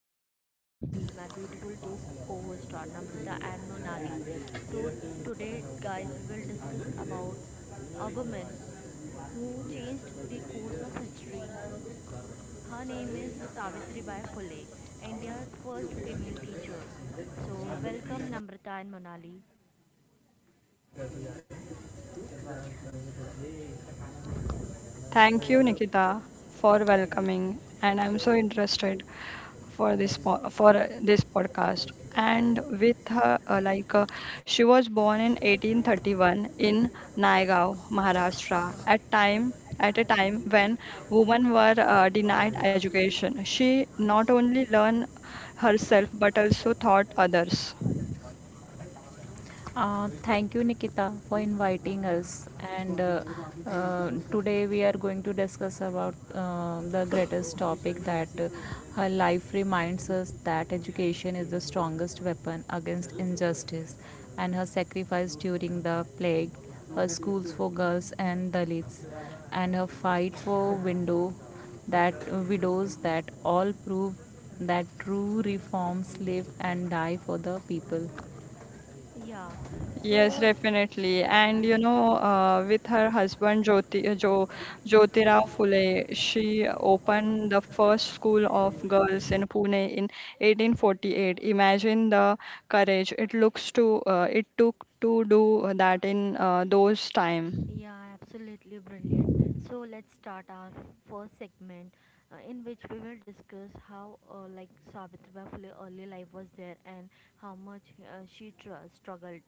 and today with me my beautiful two co-hosts are Namrata and Monali. So today, guys, we will discuss about a woman who changed the course of history. Her name is Savitri Bai Phule, India's first female teacher. So welcome Namrata and Monali. Thank you, Nikita, for welcoming, and I'm so interested for this podcast. And with her, she was born in 1831 in Naigaon, Maharashtra. At a time when women were denied education, she not only learned herself but also taught others. Thank you, Nikita, for inviting us. And Today we are going to discuss about the greatest topic that her life reminds us that education is the strongest weapon against injustice, and her sacrifice during the plague, her schools for girls and Dalits, and her fight for window that widows, that all prove that true reforms live and die for the people. Yeah. Yes, So. l- definitely. And Uh, with her husband Jyotirao Phule, she opened the first school of girls in Pune in 1848. Imagine the courage it took to do that in those time. Yeah, absolutely brilliant. So let's start our first segment in which we will discuss how Savitribai Phule early life was there and how much she struggled.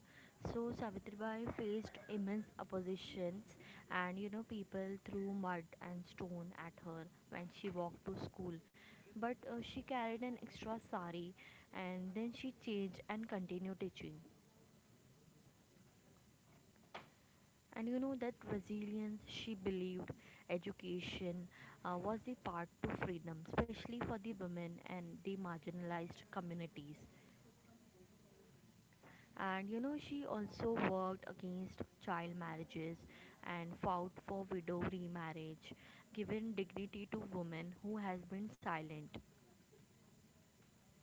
So Savitribai faced immense oppositions, and you know people threw mud and stone at her when she walked to school. But she carried an extra sari, and then she changed and continued teaching. And you know that resilience, she believed education was the path to freedom, especially for the women and the marginalized communities. And you know, she also worked against child marriages and fought for widow remarriage, giving dignity to women who has been silent.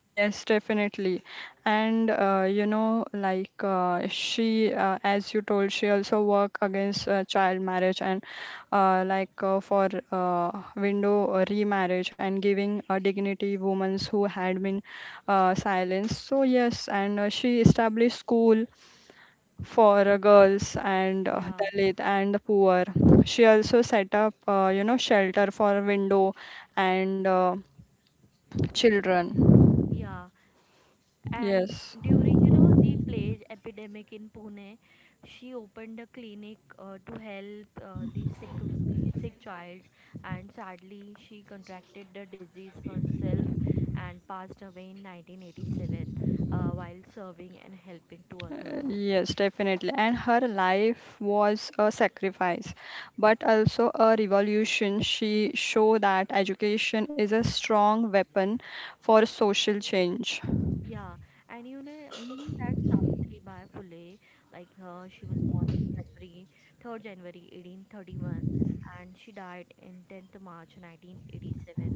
Yes, definitely. And as you told, she also work against child marriage and for window remarriage and giving a dignity women who had been silenced. So yes, and she established school for girls and Yeah, Dalit and the poor. She also set up, shelter for window and children. yeah. And Yes. during, you know, the plague epidemic in Pune, she opened a clinic to help the sick child. And sadly, she contracted the disease herself and passed away in 1987, while serving and helping to others. Yes, definitely. And her life was a sacrifice, but also a revolution. She showed that education is a strong weapon for social change. Yeah, and you know, I knew that Savitribai Phule, like she was born in January, 3rd January 1831, and she died in 10th March 1987.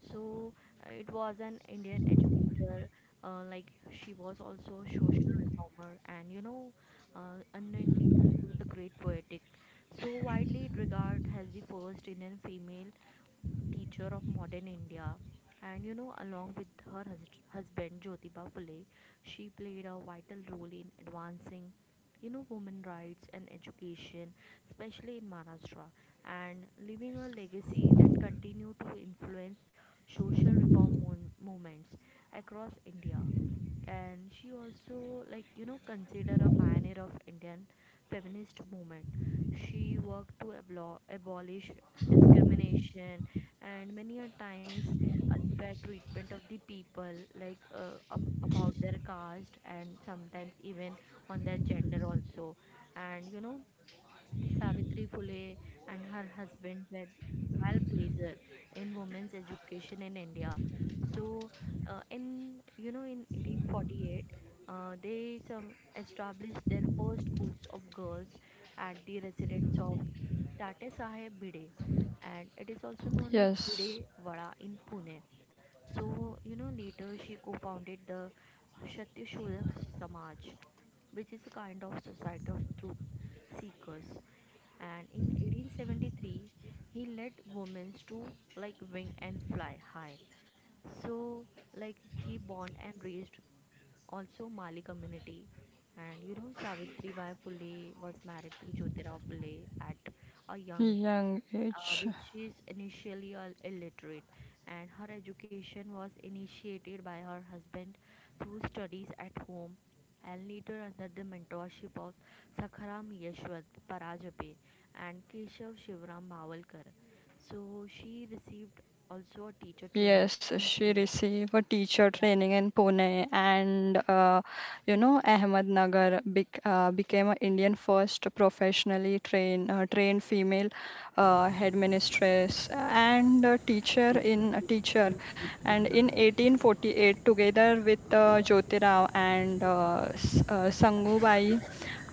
So it was an Indian educator, uh, like she was also a social reformer. And you know, unknowingly, she was a great poetic. So widely regarded as the first Indian female teacher of modern India. And you know, along with her husband Jyotiba Phule, she played a vital role in advancing, you know, women rights and education, especially in Maharashtra, and leaving a legacy that continued to influence social reform movements across India. And she also, like you know, considered a pioneer of Indian feminist movement. She worked to abolish discrimination and many a times unfair treatment of the people, like about their caste, and sometimes even on their gender also. And you know, Savitri Phule and her husband were trailblazer in women's education in India. So, in 1848, they some established their first schools of girls at the residence of Tate Saheb Bide, and it is also known as Yes, Bide Vada in Pune. So, you know, later she co founded the Shatyashulak Samaj, which is a kind of society of truth seekers. And in 1873, he led women to like wing and fly high. So, like, he born and raised also Mali community. And you know, Savitri Bai Phule was married to Jyotirao Phule at a young young age. which is initially illiterate, and her education was initiated by her husband through studies at home and later under the mentorship of Sakharam Yeshwant Parajape and Keshav Shivram Bhavalkar. So she received also a teacher training Yes, in she Pune. received a teacher Yeah, training in Pune and, Ahmednagar became an Indian first professionally trained female headmistress and a teacher in a teacher. And in 1848, together with Jyotirao and Sangubai,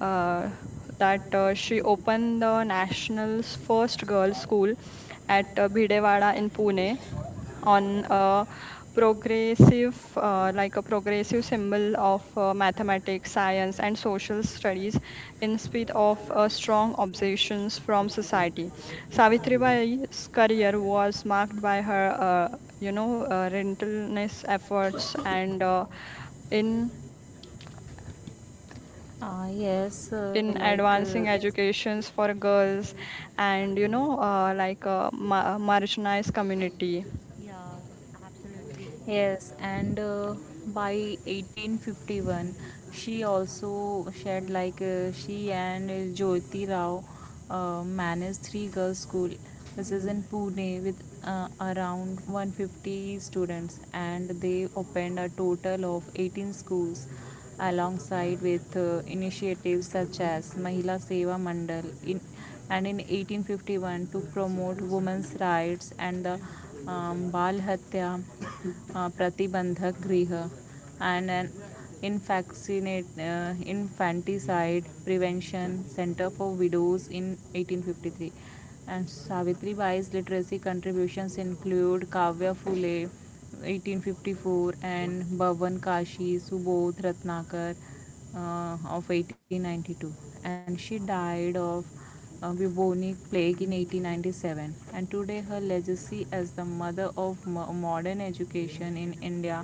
uh, that she opened the national's first girls' school at Bhidewada in Pune on a progressive symbol of mathematics science and social studies in spite of strong observations from society. Savitribai's career was marked by her relentless efforts and in in advancing Yes. educations for girls and a marginalized community. yeah, absolutely. yes, and By 1851, she also shared she and Jyoti Rao managed 3 girls' school. This is in Pune with around 150 students, and they opened a total of 18 schools alongside with initiatives such as Mahila Seva Mandal in, and in 1851 to promote women's rights, and the Bal Hatya Pratibandhak Griha, and an infanticide prevention center for widows in 1853. And Savitri Bai's literary contributions include Kavya Phule 1854 and Bhavan Kashi, Subodh Ratnakar of 1892, and she died of bubonic plague in 1897. And today her legacy as the mother of mo- modern education in India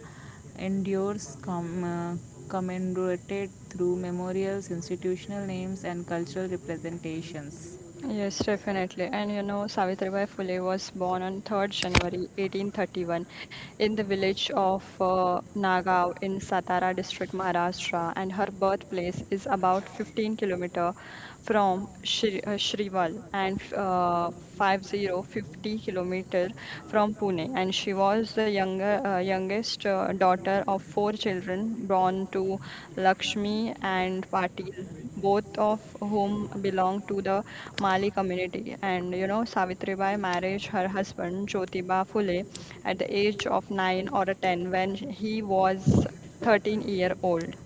endures, commemorated through memorials, institutional names, and cultural representations. Yes, definitely. And you know, Savitribai Phule was born on 3rd January 1831 in the village of Nagav in Satara district, Maharashtra, and her birthplace is about 15-kilometer from Shri Shrival and 50 fifty-kilometer from Pune. And she was the younger youngest daughter of four children born to Lakshmi and Patil, both of whom belong to the Mali community. And you know, Savitribai married her husband Jyotiba Phule at the age of nine or ten when he was 13-year-old.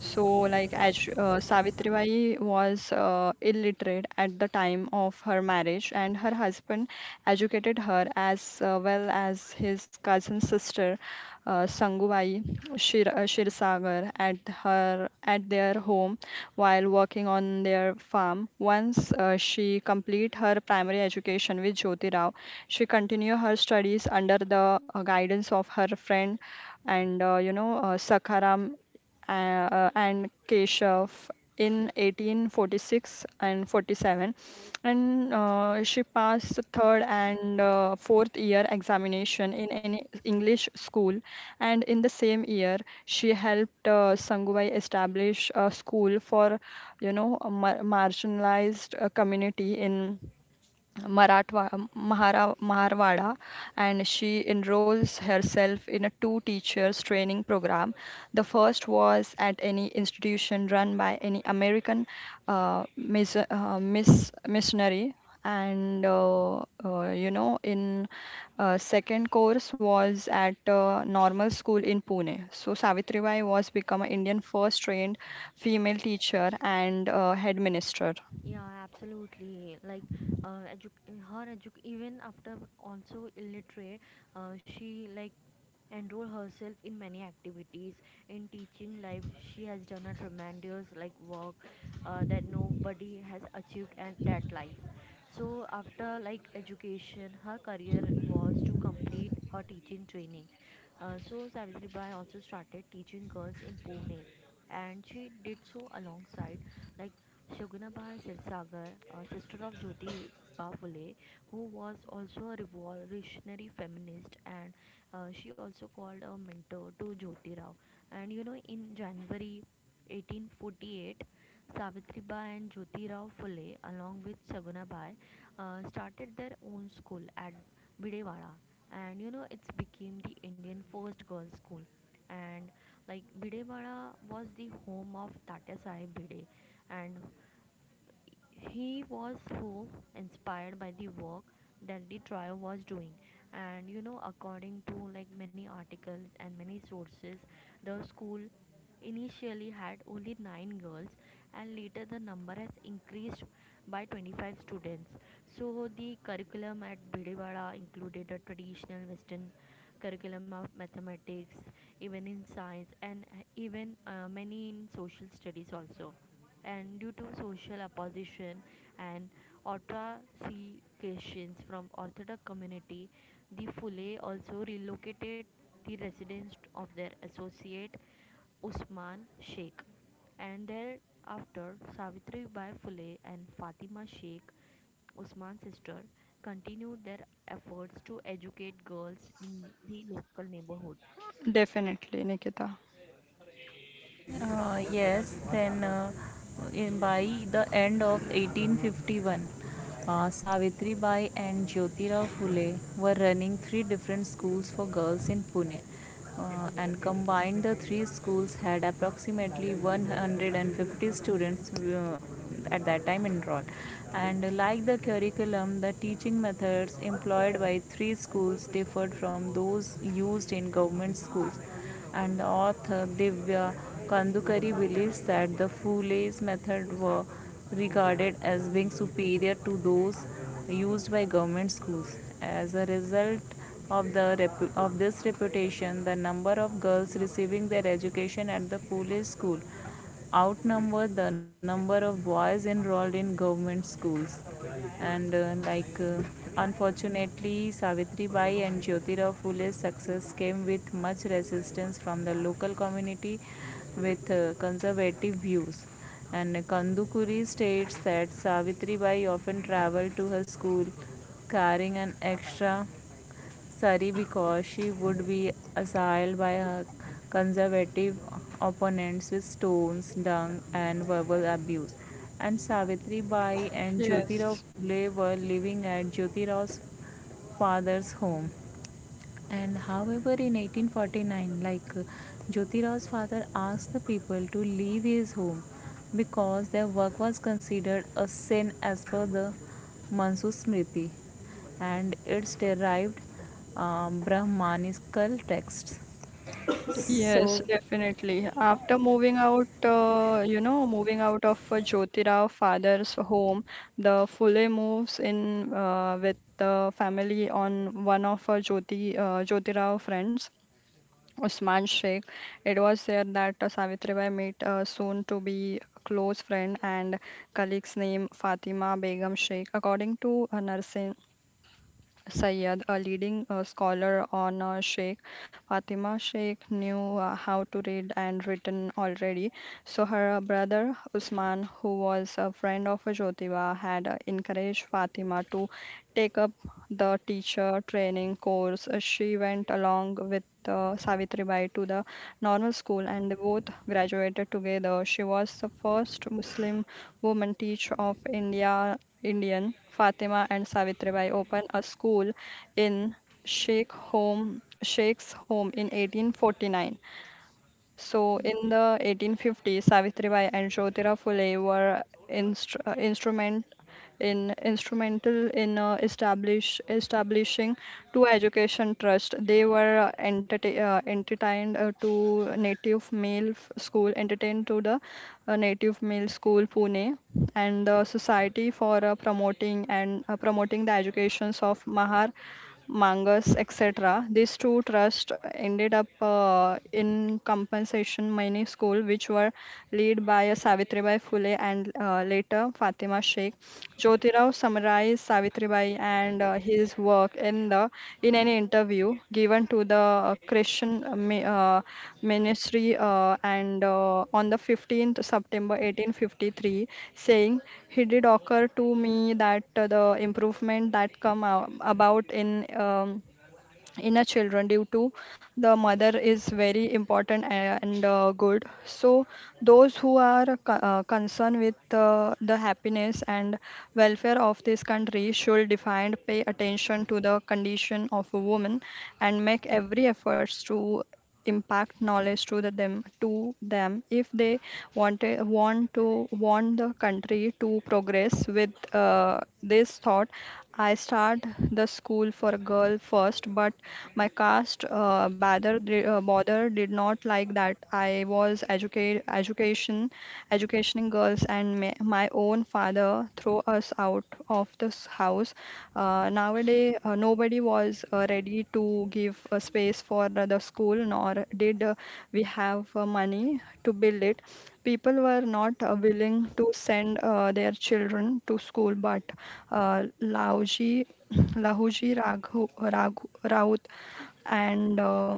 So, like, Savitribai was illiterate at the time of her marriage, and her husband educated her as well as his cousin sister, Sangubai Shirsagar, at their home while working on their farm. Once she complete her primary education with Jyoti Rao, she continued her studies under the guidance of her friend and Sakharam and Keshav in 1846 and 47, and she passed the third and fourth year examination in an English school, and in the same year she helped Sangubhai establish a school for a marginalized community in Maratwa, Maharwada, and she enrolls herself in a two teachers training program. The first was at any institution run by any American missionary. And in second course was at normal school in Pune. So Savitribai was become an Indian first trained female teacher and headmaster. Yeah, absolutely. Like, uh, edu- even after also illiterate, she like enroll herself in many activities. In teaching life, she has done a tremendous like work that nobody has achieved at that life. So after like education, her career was to complete her teaching training. So Savitri Bai also started teaching girls in Pune, and she did so alongside like Shogunabai Sirsagar, a sister of Jyoti Bafule, who was also a revolutionary feminist, and she also called a mentor to Jyoti Rao. And you know, in January 1848, Savitribai and Jyoti Rao Phule, along with Shogunabai, started their own school at Bidewara, and you know it's became the Indian first girls' school. And like Bidewara was the home of Tatya Sahib Bide, and he was who inspired by the work that the trio was doing. And you know, according to like many articles and many sources, the school initially had only nine girls, and later the number has increased by 25 students. So the curriculum at Bidewada included a traditional Western curriculum of mathematics, even in science, and even many in social studies also. And due to social opposition and ostracism from Orthodox community, the Fule also relocated the residence of their associate Usman Sheikh, and thereafter Savitri Bai Fule and Fatima Sheikh, Usman's sister, continued their efforts to educate girls in the local neighborhood. Definitely, Nikita. Uh, yes, then uh, by the end of 1851, Savitri Bai and Jyotirao Phule were running three different schools for girls in Pune. And Combined, the 3 schools had approximately 150 students at that time enrolled. And like the curriculum, the teaching methods employed by 3 schools differed from those used in government schools, and author Divya Kandukari believes that the Fule's method were regarded as being superior to those used by government schools. As a result of this reputation, the number of girls receiving their education at the Fule school outnumber the number of boys enrolled in government schools. And like Unfortunately, Savitri Bai and Jyotirao Phule's success came with much resistance from the local community with conservative views, and Kandukuri states that Savitri Bai often traveled to her school carrying an extra sari because she would be assailed by her conservative opponents with stones, dung, and verbal abuse. And Savitri Bai and Jyotirao Yes. Phule were living at Jyotirao father's home. And however, in 1849, Jyotirao's father asked the people to leave his home because their work was considered a sin as per the Mansu Smriti and its derived Brahmanical texts. Yes, So, definitely. After moving out of Jyotira father's home, the Phule moves in with the family on one of Jyotirao friends, Usman Sheikh. It was there that Savitribai met a soon to be close friend and colleague's name Fatima Begum Sheikh. According to Narsin Sayyad, a leading scholar on Sheikh Fatima Sheikh, knew how to read and written already. So her brother Usman, who was a friend of Jyotiba, had encouraged Fatima to take up the teacher training course. She went along with Savitribai to the normal school and they both graduated together. She was the first Muslim woman teacher of India. Indian Fatima and Savitribai opened a school in Sheikh's home in 1849. So in the 1850s, Savitribai and Jyotira Phule were instru- uh, instrument instrumental in establishing two education trust. They were entertained to the native male school Pune, and the society for promoting and promoting the educations of Mahar Mangas, etc. These two trusts ended up in compensation mining school, which were led by Savitribai Phule and later Fatima Sheikh. Jyotirao summarized Savitribai and his work in the in an interview given to the Christian ministry and on the 15th September 1853, saying, he did occur to me that the improvement that about in a children due to the mother is very important and good. So those who are concerned with the happiness and welfare of this country should define pay attention to the condition of a woman and make every efforts to impact knowledge to the them to them if they want want the country to progress. With this thought, I start the school for a girl first, but my caste bother did not like that I was educate education educationing girls and my own father throw us out of this house. Nowadays, nobody was ready to give a space for the school, nor did we have money to build it. People were not willing to send their children to school, but Lauji, Lahuji Raghu, Raut and uh,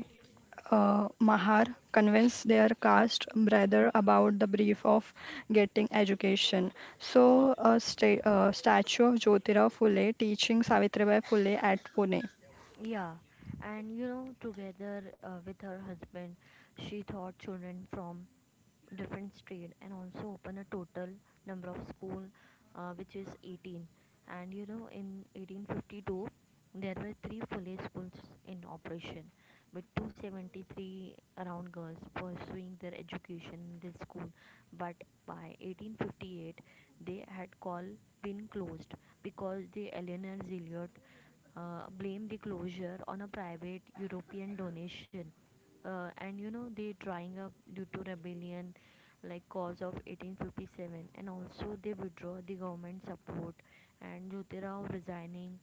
uh, Mahar convinced their caste brother about the brief of getting education. So, a statue of Jyotirao Phule teaching Savitribai Phule at Pune. Yeah, and you know, together with her husband, she taught children from different street, and also open a total number of school, which is 18. And you know, in 1852, there were three fully schools in operation, with 273 around girls pursuing their education in this school. But by 1858, they had called been closed because the Eleanor Zilliot blame the closure on a private European donation, and you know they drying up due to rebellion, like cause of 1857, and also they withdraw the government support, and Jyotirao resigning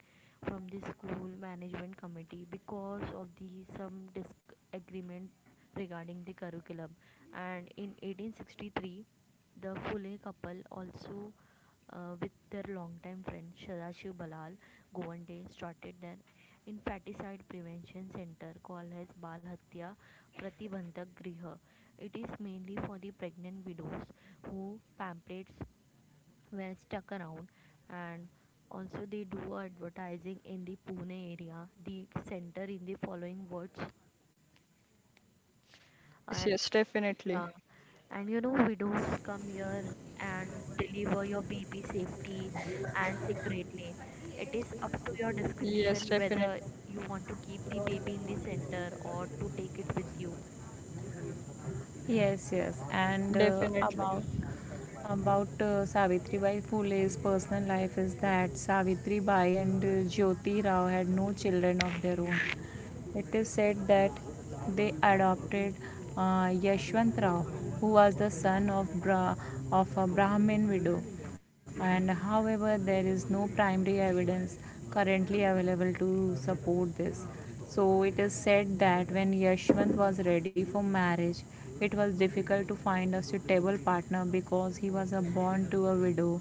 from the school management committee because of the some disagreement regarding the curriculum. And in 1863, the Fule couple also with their longtime friend Sadashiv Balal Govande started an infanticide prevention center called as Bal Hatya Pratibandhak Griha. It is mainly for the pregnant widows who pamphlets were stuck around, and also they do advertising in the Pune area. The center in the following words. Yes, yes, definitely. Yeah, and you know, widows come here and deliver your baby safely and secretly. It is up to your Yes, discretion definitely. whether you want to keep the baby in the center or to take it with you. yes, yes. And Definitely. About Savitri Bai Phule's personal life is that Savitri Bai and Jyoti Rao had no children of their own. It is said that they adopted Yashwant Rao, who was the son of of a Brahmin widow. And however, there is no primary evidence currently available to support this. So it is said that when Yashwant was ready for marriage, it was difficult to find a suitable partner because he was a born to a widow,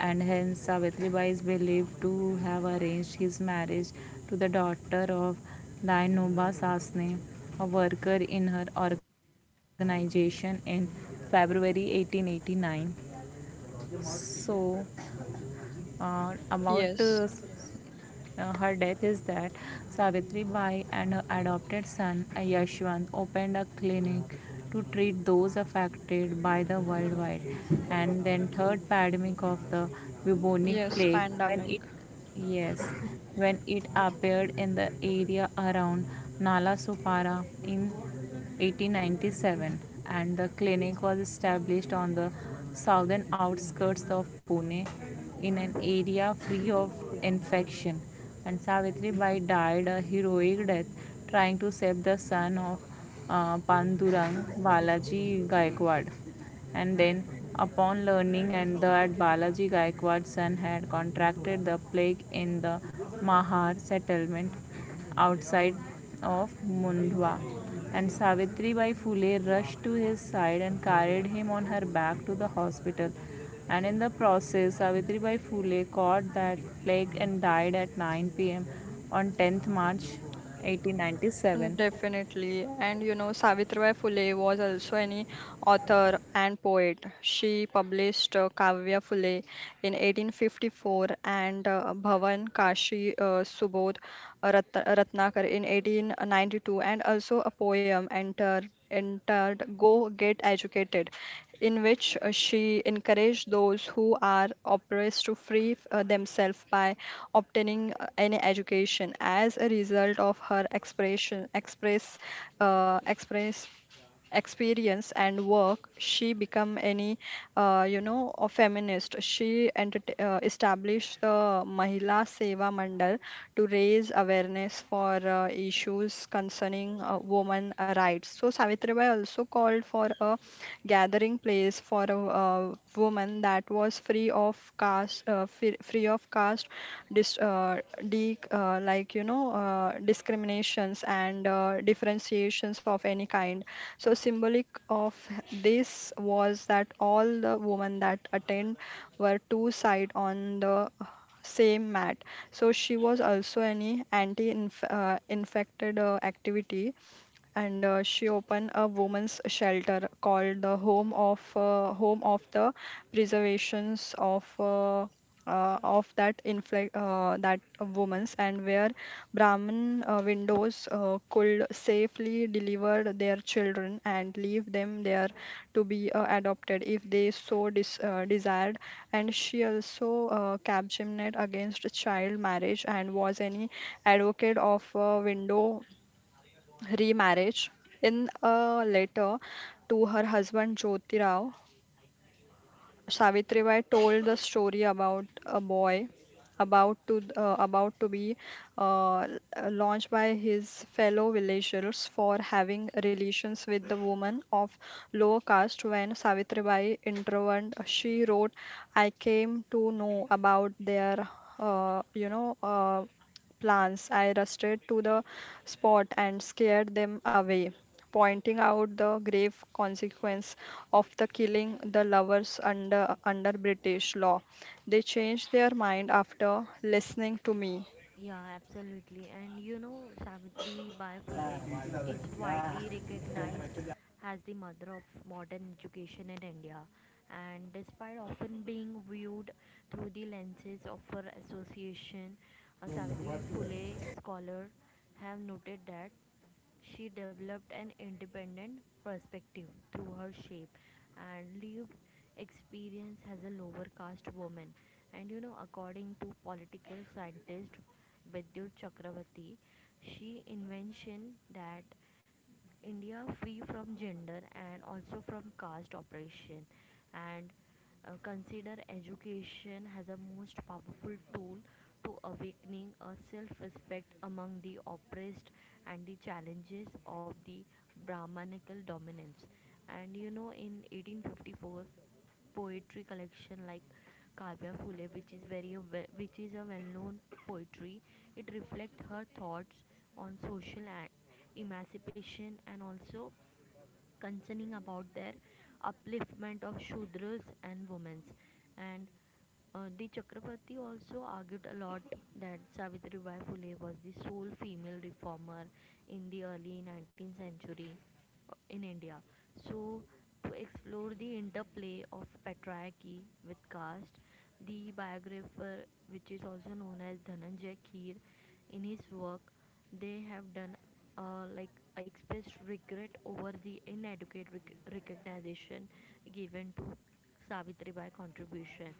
and hence Savitri Bai is believed to have arranged his marriage to the daughter of Dainoba Sasne, a worker in her organization in February 1889. So, about Yes. Her death is that Savitri Bai and her adopted son Yashwant opened a clinic to treat those affected by the worldwide and then third pandemic of the bubonic Yes, plague when pandemic. it yes when it appeared in the area around Nalasopara in 1897. And the clinic was established on the southern outskirts of Pune in an area free of infection, and Savitri Bai died a heroic death trying to save the son of Pandurang Balaji Gaikwad. And then, upon learning and that Balaji Gaikwad's son had contracted the plague in the Mahar settlement outside of Mundwa, and Savitribai Phule rushed to his side and carried him on her back to the hospital. And in the process, Savitribai Phule caught that plague and died at 9 p.m. on March 10th Mm, 1897. definitely. And you know, Savitribai Phule was also an author and poet. She published Kavya Phule in 1854 and Bhavan Kashi Subodh Ratnakar in 1892, and also a poem entered Go Get Educated in which she encouraged those who are oppressed to free themselves by obtaining any education. As a result of her expression, express, express experience and work, she become any a feminist. She established the Mahila Seva Mandal to raise awareness for issues concerning women rights. So Savitribai also called for a gathering place for a, woman that was free of caste, dis, de, like you know discriminations and differentiations of any kind. So symbolic of this was that all the women that attend were two side on the same mat. So she was also any anti-infected, infected, activity, and she opened a women's shelter called the Home of the Preservations of that that women's and where Brahmin windows could safely deliver their children and leave them there to be adopted if they so desired. And she also campaigned against child marriage and was any advocate of window remarriage. In a letter to her husband Jyotirao, Savitribai told the story about a boy about to be uh, launched by his fellow villagers for having relations with the woman of lower caste. When Savitribai intervened, she wrote, I came to know about their uh, you know uh, plans. I rushed to the spot and scared them away, pointing out the grave consequence of the killing the lovers under British law. They changed their mind after listening to me. Yeah, absolutely. And you know, Savitri Bai Phule is widely recognized as the mother of modern education in India. And despite often being viewed through the lenses of her association, Savitri Phule scholars have noted that she developed an independent perspective through her shape and lived experience as a lower caste woman. And you know, according to political scientist Vidyut Chakravarti, she invention that India free from gender and also from caste oppression, and consider education as a most powerful tool to awakening a self-respect among the oppressed and the challenges of the brahmanical dominance. And you know, in 1854, poetry collection like Kavya Phule, which is a well-known poetry. It reflects her thoughts on social emancipation, and also concerning about their upliftment of Shudras and women. And the Chakrabarti also argued a lot that Savitribai Phule was the sole female reformer in the early 19th century in India. So, to explore the interplay of patriarchy with caste, the biographer, which is also known as Dhananjay Kheer, in his work they have done uh, like expressed regret over the inadequate recognition given to Savitribai contribution.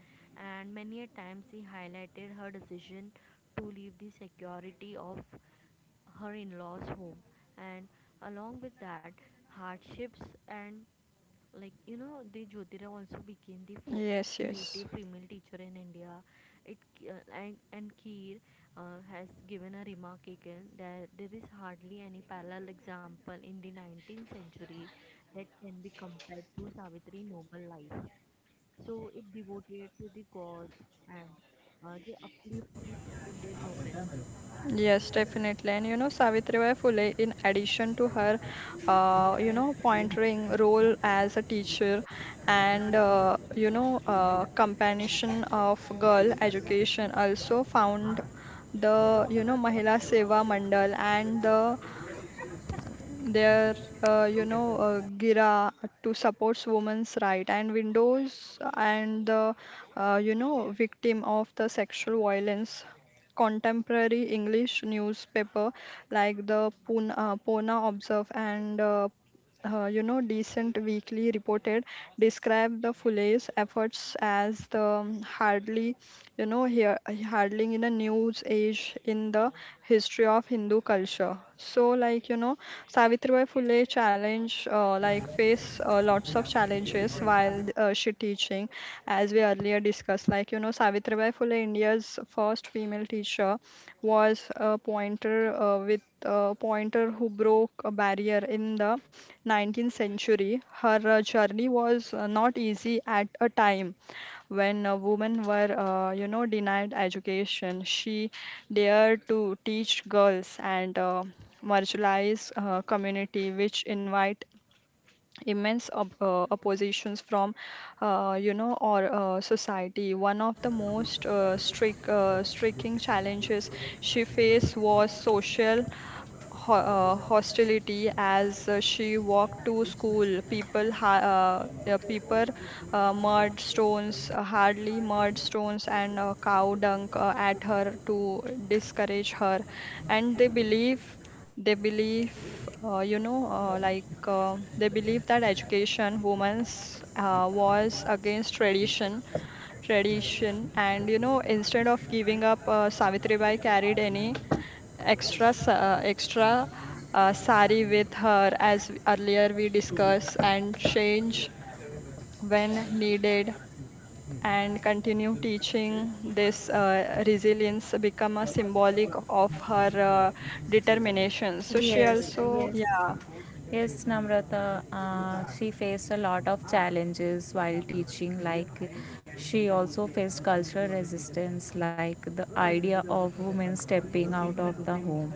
And many a times he highlighted her decision to leave the security of her in-laws home, and along with that hardships, and like you know the Jyotira also became the first Yes, yes. native female teacher in India. It and Keir has given a remark again that there is hardly any parallel example in the 19th century that can be compared to Savitri noble life. So it devoted to the cause, and they uplift the Indian women. Yes, definitely. And you know, Savitribai Phule, in addition to her, pointing role as a teacher and, compassion of girl education, also found the, Mahila Seva Mandal and their gira to supports women's right and windows and the victim of the sexual violence. Contemporary English newspaper like the Pona Observe and decent weekly reported describe the Fulay's efforts as the hardly you know here hardly in a news age in the history of Hindu culture. So Savitribai Phule challenge like face lots of challenges while she teaching, as we earlier discussed. Savitribai Phule, India's first female teacher, was a pointer with a pointer who broke a barrier in the 19th century. Her journey was not easy. At a time when women were denied education, she dared to teach girls and marginalized community, which invite immense oppositions from you know or society. One of the most strict striking challenges she faced was social hostility as she walked to school. People, mud stones, hardly mud stones, and cow dung at her to discourage her, and they believe, you know, like they believe that education, women's was against tradition, and you know, instead of giving up, Savitribai carried any extra sari with her, as earlier we discussed, and change when needed and continue teaching. This resilience become a symbolic of her determination. So she Yes, also yes. yeah. Yes, Namrata, she faced a lot of challenges while teaching. Like, she also faced cultural resistance, like the idea of women stepping out of the home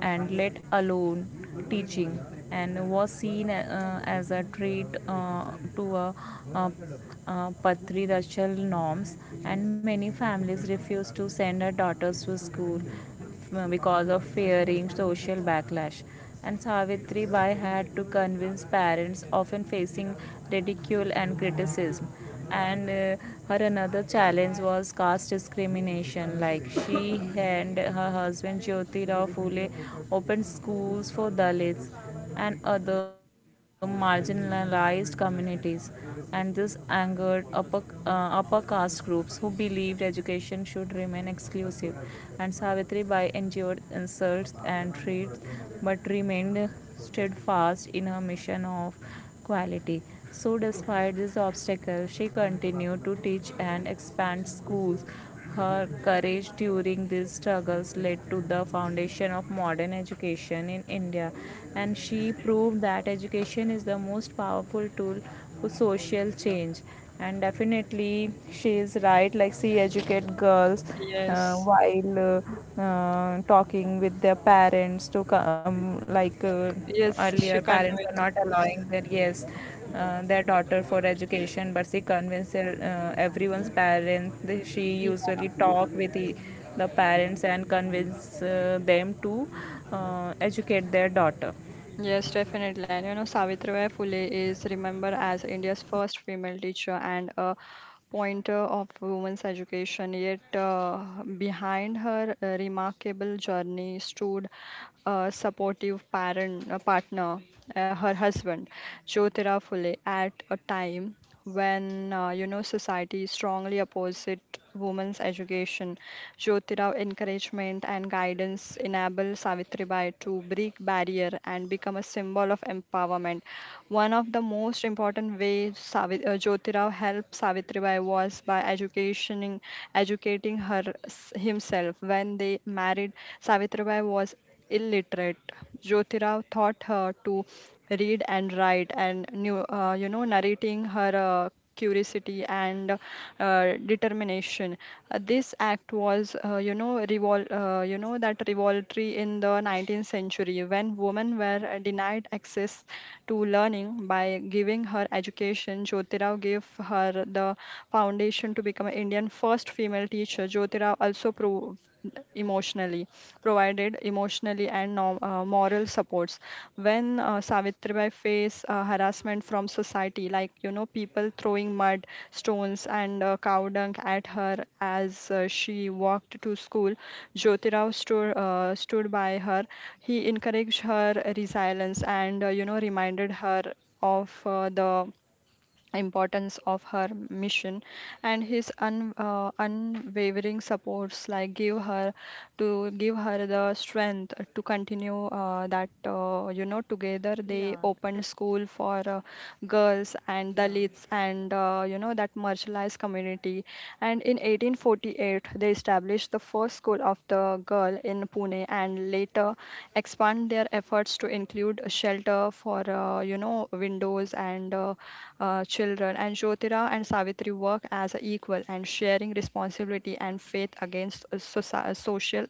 and let alone teaching, and was seen as a threat to uh patriarchal norms. And many families refused to send their daughters to school because of fearing social backlash. And Savitri Bai had to convince parents, often facing ridicule and criticism. And Her another challenge was caste discrimination. Like she and her husband Jyoti Rao Phule opened schools for Dalits and other marginalized communities, and this angered upper caste groups who believed education should remain exclusive. And Savitri Bai endured insults and threats, but remained steadfast in her mission of quality. So, despite this obstacle, she continued to teach and expand schools. Her courage during these struggles led to the foundation of modern education in India, and she proved that education is the most powerful tool for social change. And definitely, she is right. Like she educate girls Yes, while talking with their parents to come. Yes, Earlier, she parents are not convinced. allowing their yes their daughter for education, but she convinced everyone's parents. She Ye- usually talk with the parents and convince them to educate their daughter. Yes, definitely. And you know, Savitribai Phule is remembered as India's first female teacher and a pointer of women's education, yet behind her remarkable journey stood a supportive partner, her husband, Jyotira Phule, at a time when society strongly opposite women's education. Jyotirao encouragement and guidance enabled Savitribai to break barrier and become a symbol of empowerment. One of the most important ways Jyotirao helped Savitribai was by educating her himself. When they married, Savitribai was illiterate. Jyotirao taught her to read and write, and knew, narrating her curiosity and determination. This act was, you know, that revolutionary in the 19th century when women were denied access to learning. By giving her education, Jyotirao gave her the foundation to become an Indian first female teacher. Emotionally provided emotionally and no, moral supports when savitribai faced harassment from society, like you know people throwing mud stones and cow dung at her as she walked to school. Jyotirao stood by her. He encouraged her resilience and reminded her of the importance of her mission, and his unwavering supports like give her the strength to continue that you know together they Yeah. Does. opened school for girls and Yeah. dalits and that marginalized community, and in 1848 they established the first school of the girl in Pune, and later expand their efforts to include a shelter for windows and children. And Jyotira and Savitri work as a equal and sharing responsibility and faith against social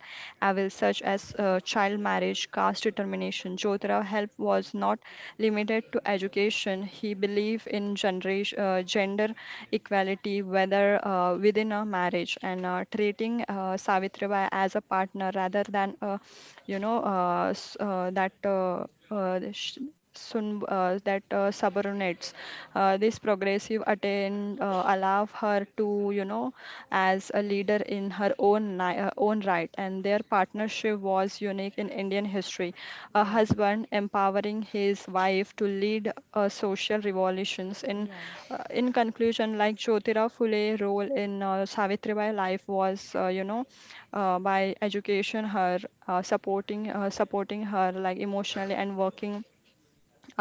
evils such as child marriage, caste determination. Jyotira help was not limited to education. He believed in gender equality, whether within a marriage, and treating Savitribai as a partner rather than, you know, s- that sh- sun, that subordinates. This progressive attain allow her to, you know, as a Yes. leader in her own own right, and their partnership was unique in Indian history. A Yeah. husband empowering his wife to lead social revolutions. In Yeah, uh, in conclusion, like Jyotirao Phule role in Savitribai life was, by education her, supporting her like emotionally and working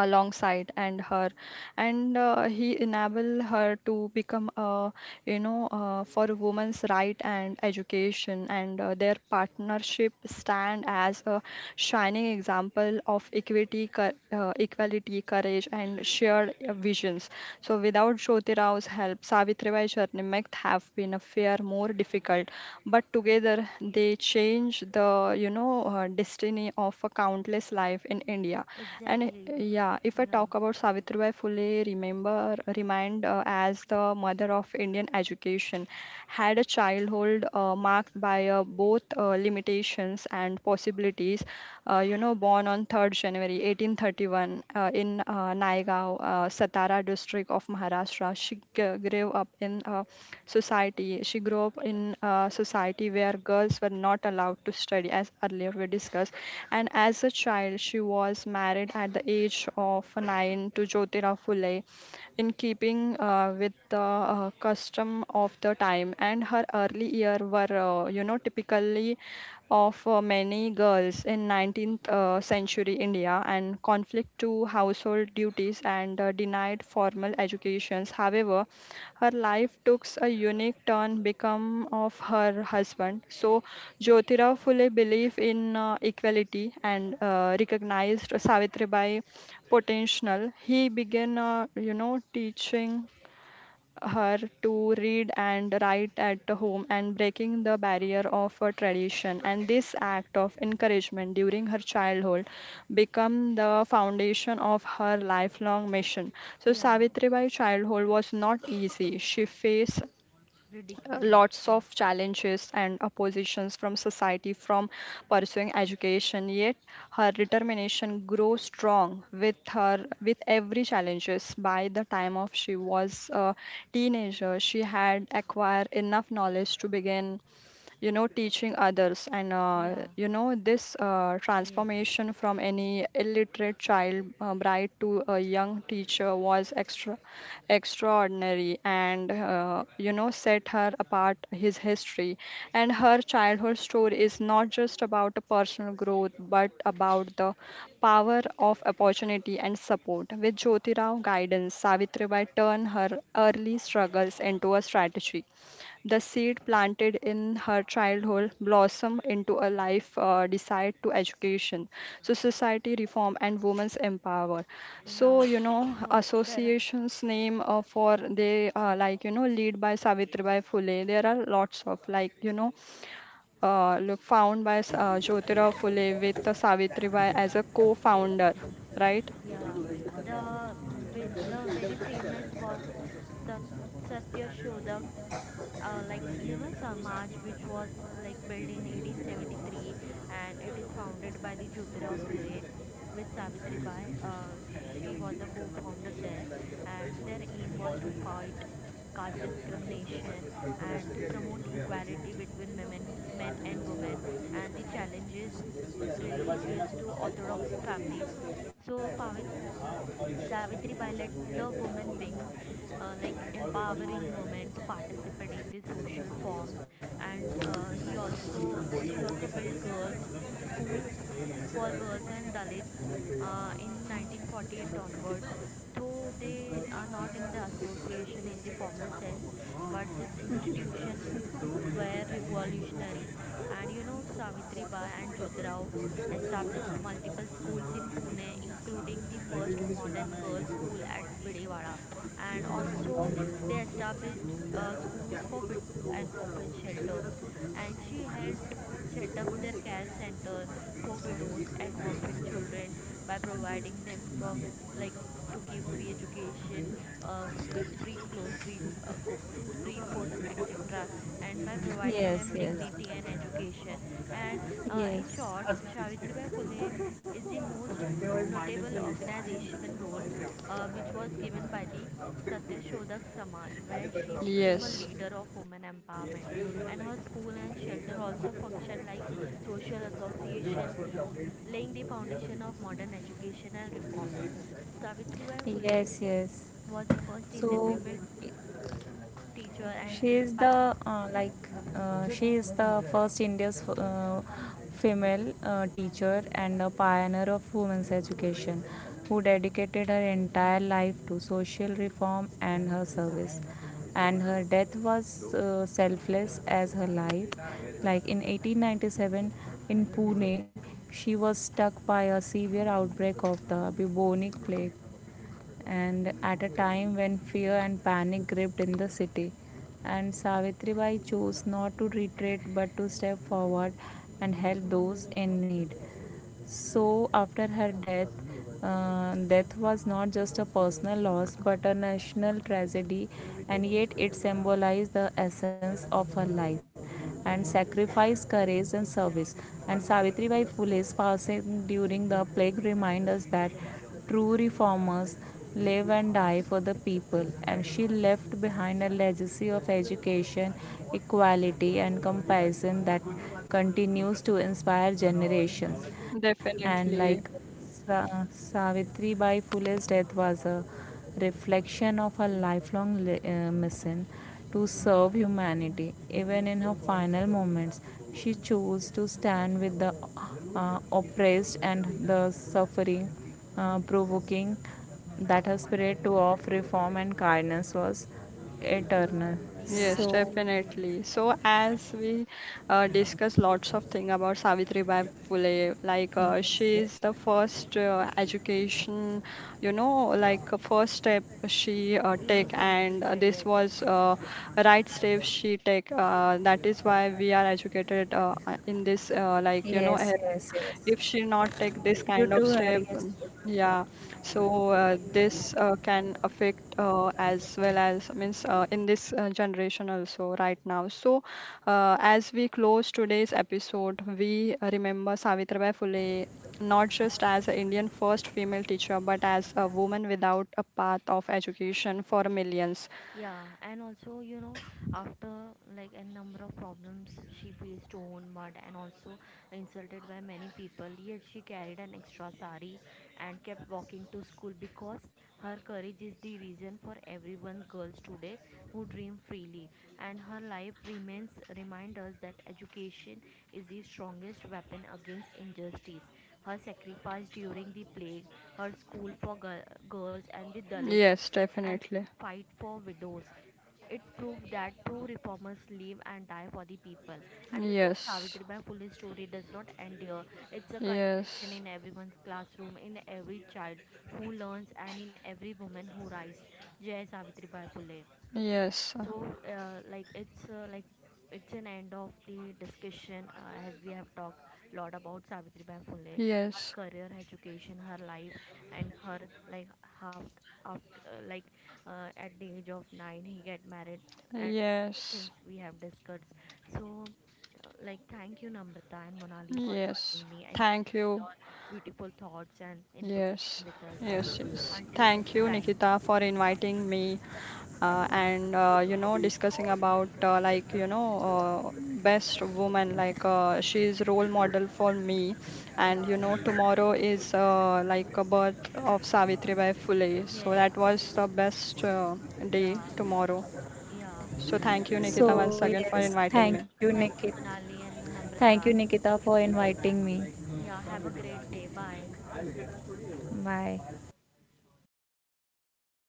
alongside and her, and he enable her to become a for a woman's right and education, and their partnership stand as a shining example of equality, courage and shared visions. So without Jyoti Rao's help Savitribai journey might have been a fair more difficult, but together they change the destiny of a countless life in India. And exactly. yeah, if I Yeah, talk about Savitribai Phule, remind as the mother of Indian education, had a childhood marked by both limitations and possibilities. Born on 3rd January 1831 in Naigaon, Satara district of Maharashtra. She g- grew up in a society. She grew up in a society where girls were not allowed to study, as earlier we discussed. And as a child, she was married at the age of 9 to Jyotirao Phule, in keeping with the custom of the time. And her early year were, typically of many girls in 19th century India, and conflict to household duties and denied formal educations. However, her life took a unique turn become of her husband. So Jyotirao Phule believed in equality and recognized Savitribai potential. He began, teaching her to read and write at home, and breaking the barrier of a tradition. And this act of encouragement during her childhood become the foundation of her lifelong mission. So yeah. Savitribai childhood was not easy. She faced lots of Ridiculousness. challenges and oppositions from society from pursuing education, yet her determination grew strong with her with every challenges. By the time of she was a teenager, she had acquired enough knowledge to begin, you know, teaching others. And Yeah, this yes, transformation from any illiterate child bride to a young teacher was extraordinary, and set her apart his history. And her childhood story is not just about a personal growth but about the power of opportunity and support. With Jyotirao guidance, Savitribai turned her early struggles into a strategy. The seed planted in her childhood blossom into a life decide to education. So society reform and women's empower. yeah. So you know So there, associations name for they lead by Savitribai Phule. There are lots of look found by Jyotirao Phule with Savitribai as a yes, co-founder, right? yeah. The very famous was Sat Satya Shodak Samaj, which was like built in 1873, and it is founded by the Jyotirao Phule with Savitri Bai. She was a co-founder there, and their aim was to fight caste discrimination and to promote equality between men and women, and the challenges religious to orthodox families. So Pavit, Savitribai let the women wings, empowering women to participate in the social forms. And he also she also built girls schools for girls and Dalits in 1948 onwards. Though they are not in the association in the formal sense, but this institution were revolutionary. And you know, Savitri Bai and Jyotirao established multiple schools in Pune, including the first modern girls' school at Bidewada, and also they established schools for widows and orphan shelters. And she helped set up their care center for widows and orphan children by providing them from like to give free education, free clothes, free food, etc., and by providing Yes, them yes, dignity and education. And in yes, short, Savitribai Phule is the most notable organization role which was given by the Satyashodak Samaj, where she became a Yes, leader of women empowerment. And her school and shelter also function like social association, laying the foundation of modern education and reforms. Savitribai Phule yes, yes. was the first Indian So female teacher and she is pa- the she is the first India's female teacher and a pioneer of women's education, who dedicated her entire life to social reform and her service. And her death was selfless as her life. Like in 1897 in Pune, she was struck by a severe outbreak of the bubonic plague, and at a time when fear and panic gripped in the city. And Savitribai chose not to retreat but to step forward and help those in need. So after her death, death was not just a personal loss but a national tragedy, and yet it symbolized the essence of her life and sacrifice, courage, and service. And Savitri Bai Phule's passing during the plague reminds us that true reformers live and die for the people, and she left behind a legacy of education, equality, and compassion that continues to inspire generations. And like definitely. Savitri Bai Phule's death was a reflection of her lifelong mission to serve humanity. Even in her final moments, she chose to stand with the oppressed and the suffering, provoking that her spirit to of reform and kindness was eternal. yeah, Yes, So, absolutely. definitely. So as we discuss lots of thing about Savitribai Phule, like yes, yes, she is the first education, you know, like first step she take, Indian female and teacher, this yes. was right step she take. That is why we are educated in this, yes, era, yes, yes. if she not take You this too, kind of Harry. Yes. step. Yeah. So this can affect as well as means in this generation also right now. So as we close today's episode, we remember Savitribai Phule not just as an Indian first female teacher but as a woman without a path of education for millions. Yeah, and also, you know, after like a number of problems, she faced torn mud and also insulted by many people. Yet she carried an extra sari and kept walking to school because her courage is the reason for everyone girls today who dream freely. And her life remains remind us that education is the strongest weapon against injustice. Her sacrifice during the plague, her school for girls and the Dalits, Yes, and definitely. fight for widows. It proved that true reformers live and die for the people. And you know, Yes, Savitribai Phule's story does not end here. It's a continuation yes, in everyone's classroom, in every child who learns, and in every woman who rises. Jai Savitribai Phule. yes, So, it's an end of the discussion as we have talked a lot about Savitri Bai Phule, her yes, career, her education, her life, and her like half after at the age of 9 he get married, and many yes. things we have discussed. So, thank you Namrata and Monali for Yes, joining me and thank sharing you. your beautiful thoughts and information Yes, with us. yes, yes. Until next Thank you, time. Nikita, for inviting me and discussing about best woman like she is role model for me, Yeah. and you know tomorrow is like a birth of Savitribai Phule. So Yes. that was the best day Yeah. tomorrow. Yeah. So thank you, Nikita, So, once again yes, for thank you, inviting me. Nikit. Thank you, Monali and Thank you, Namrata. Nikita, for Thank you. inviting me. Yeah, have a great day. Bye. Bye.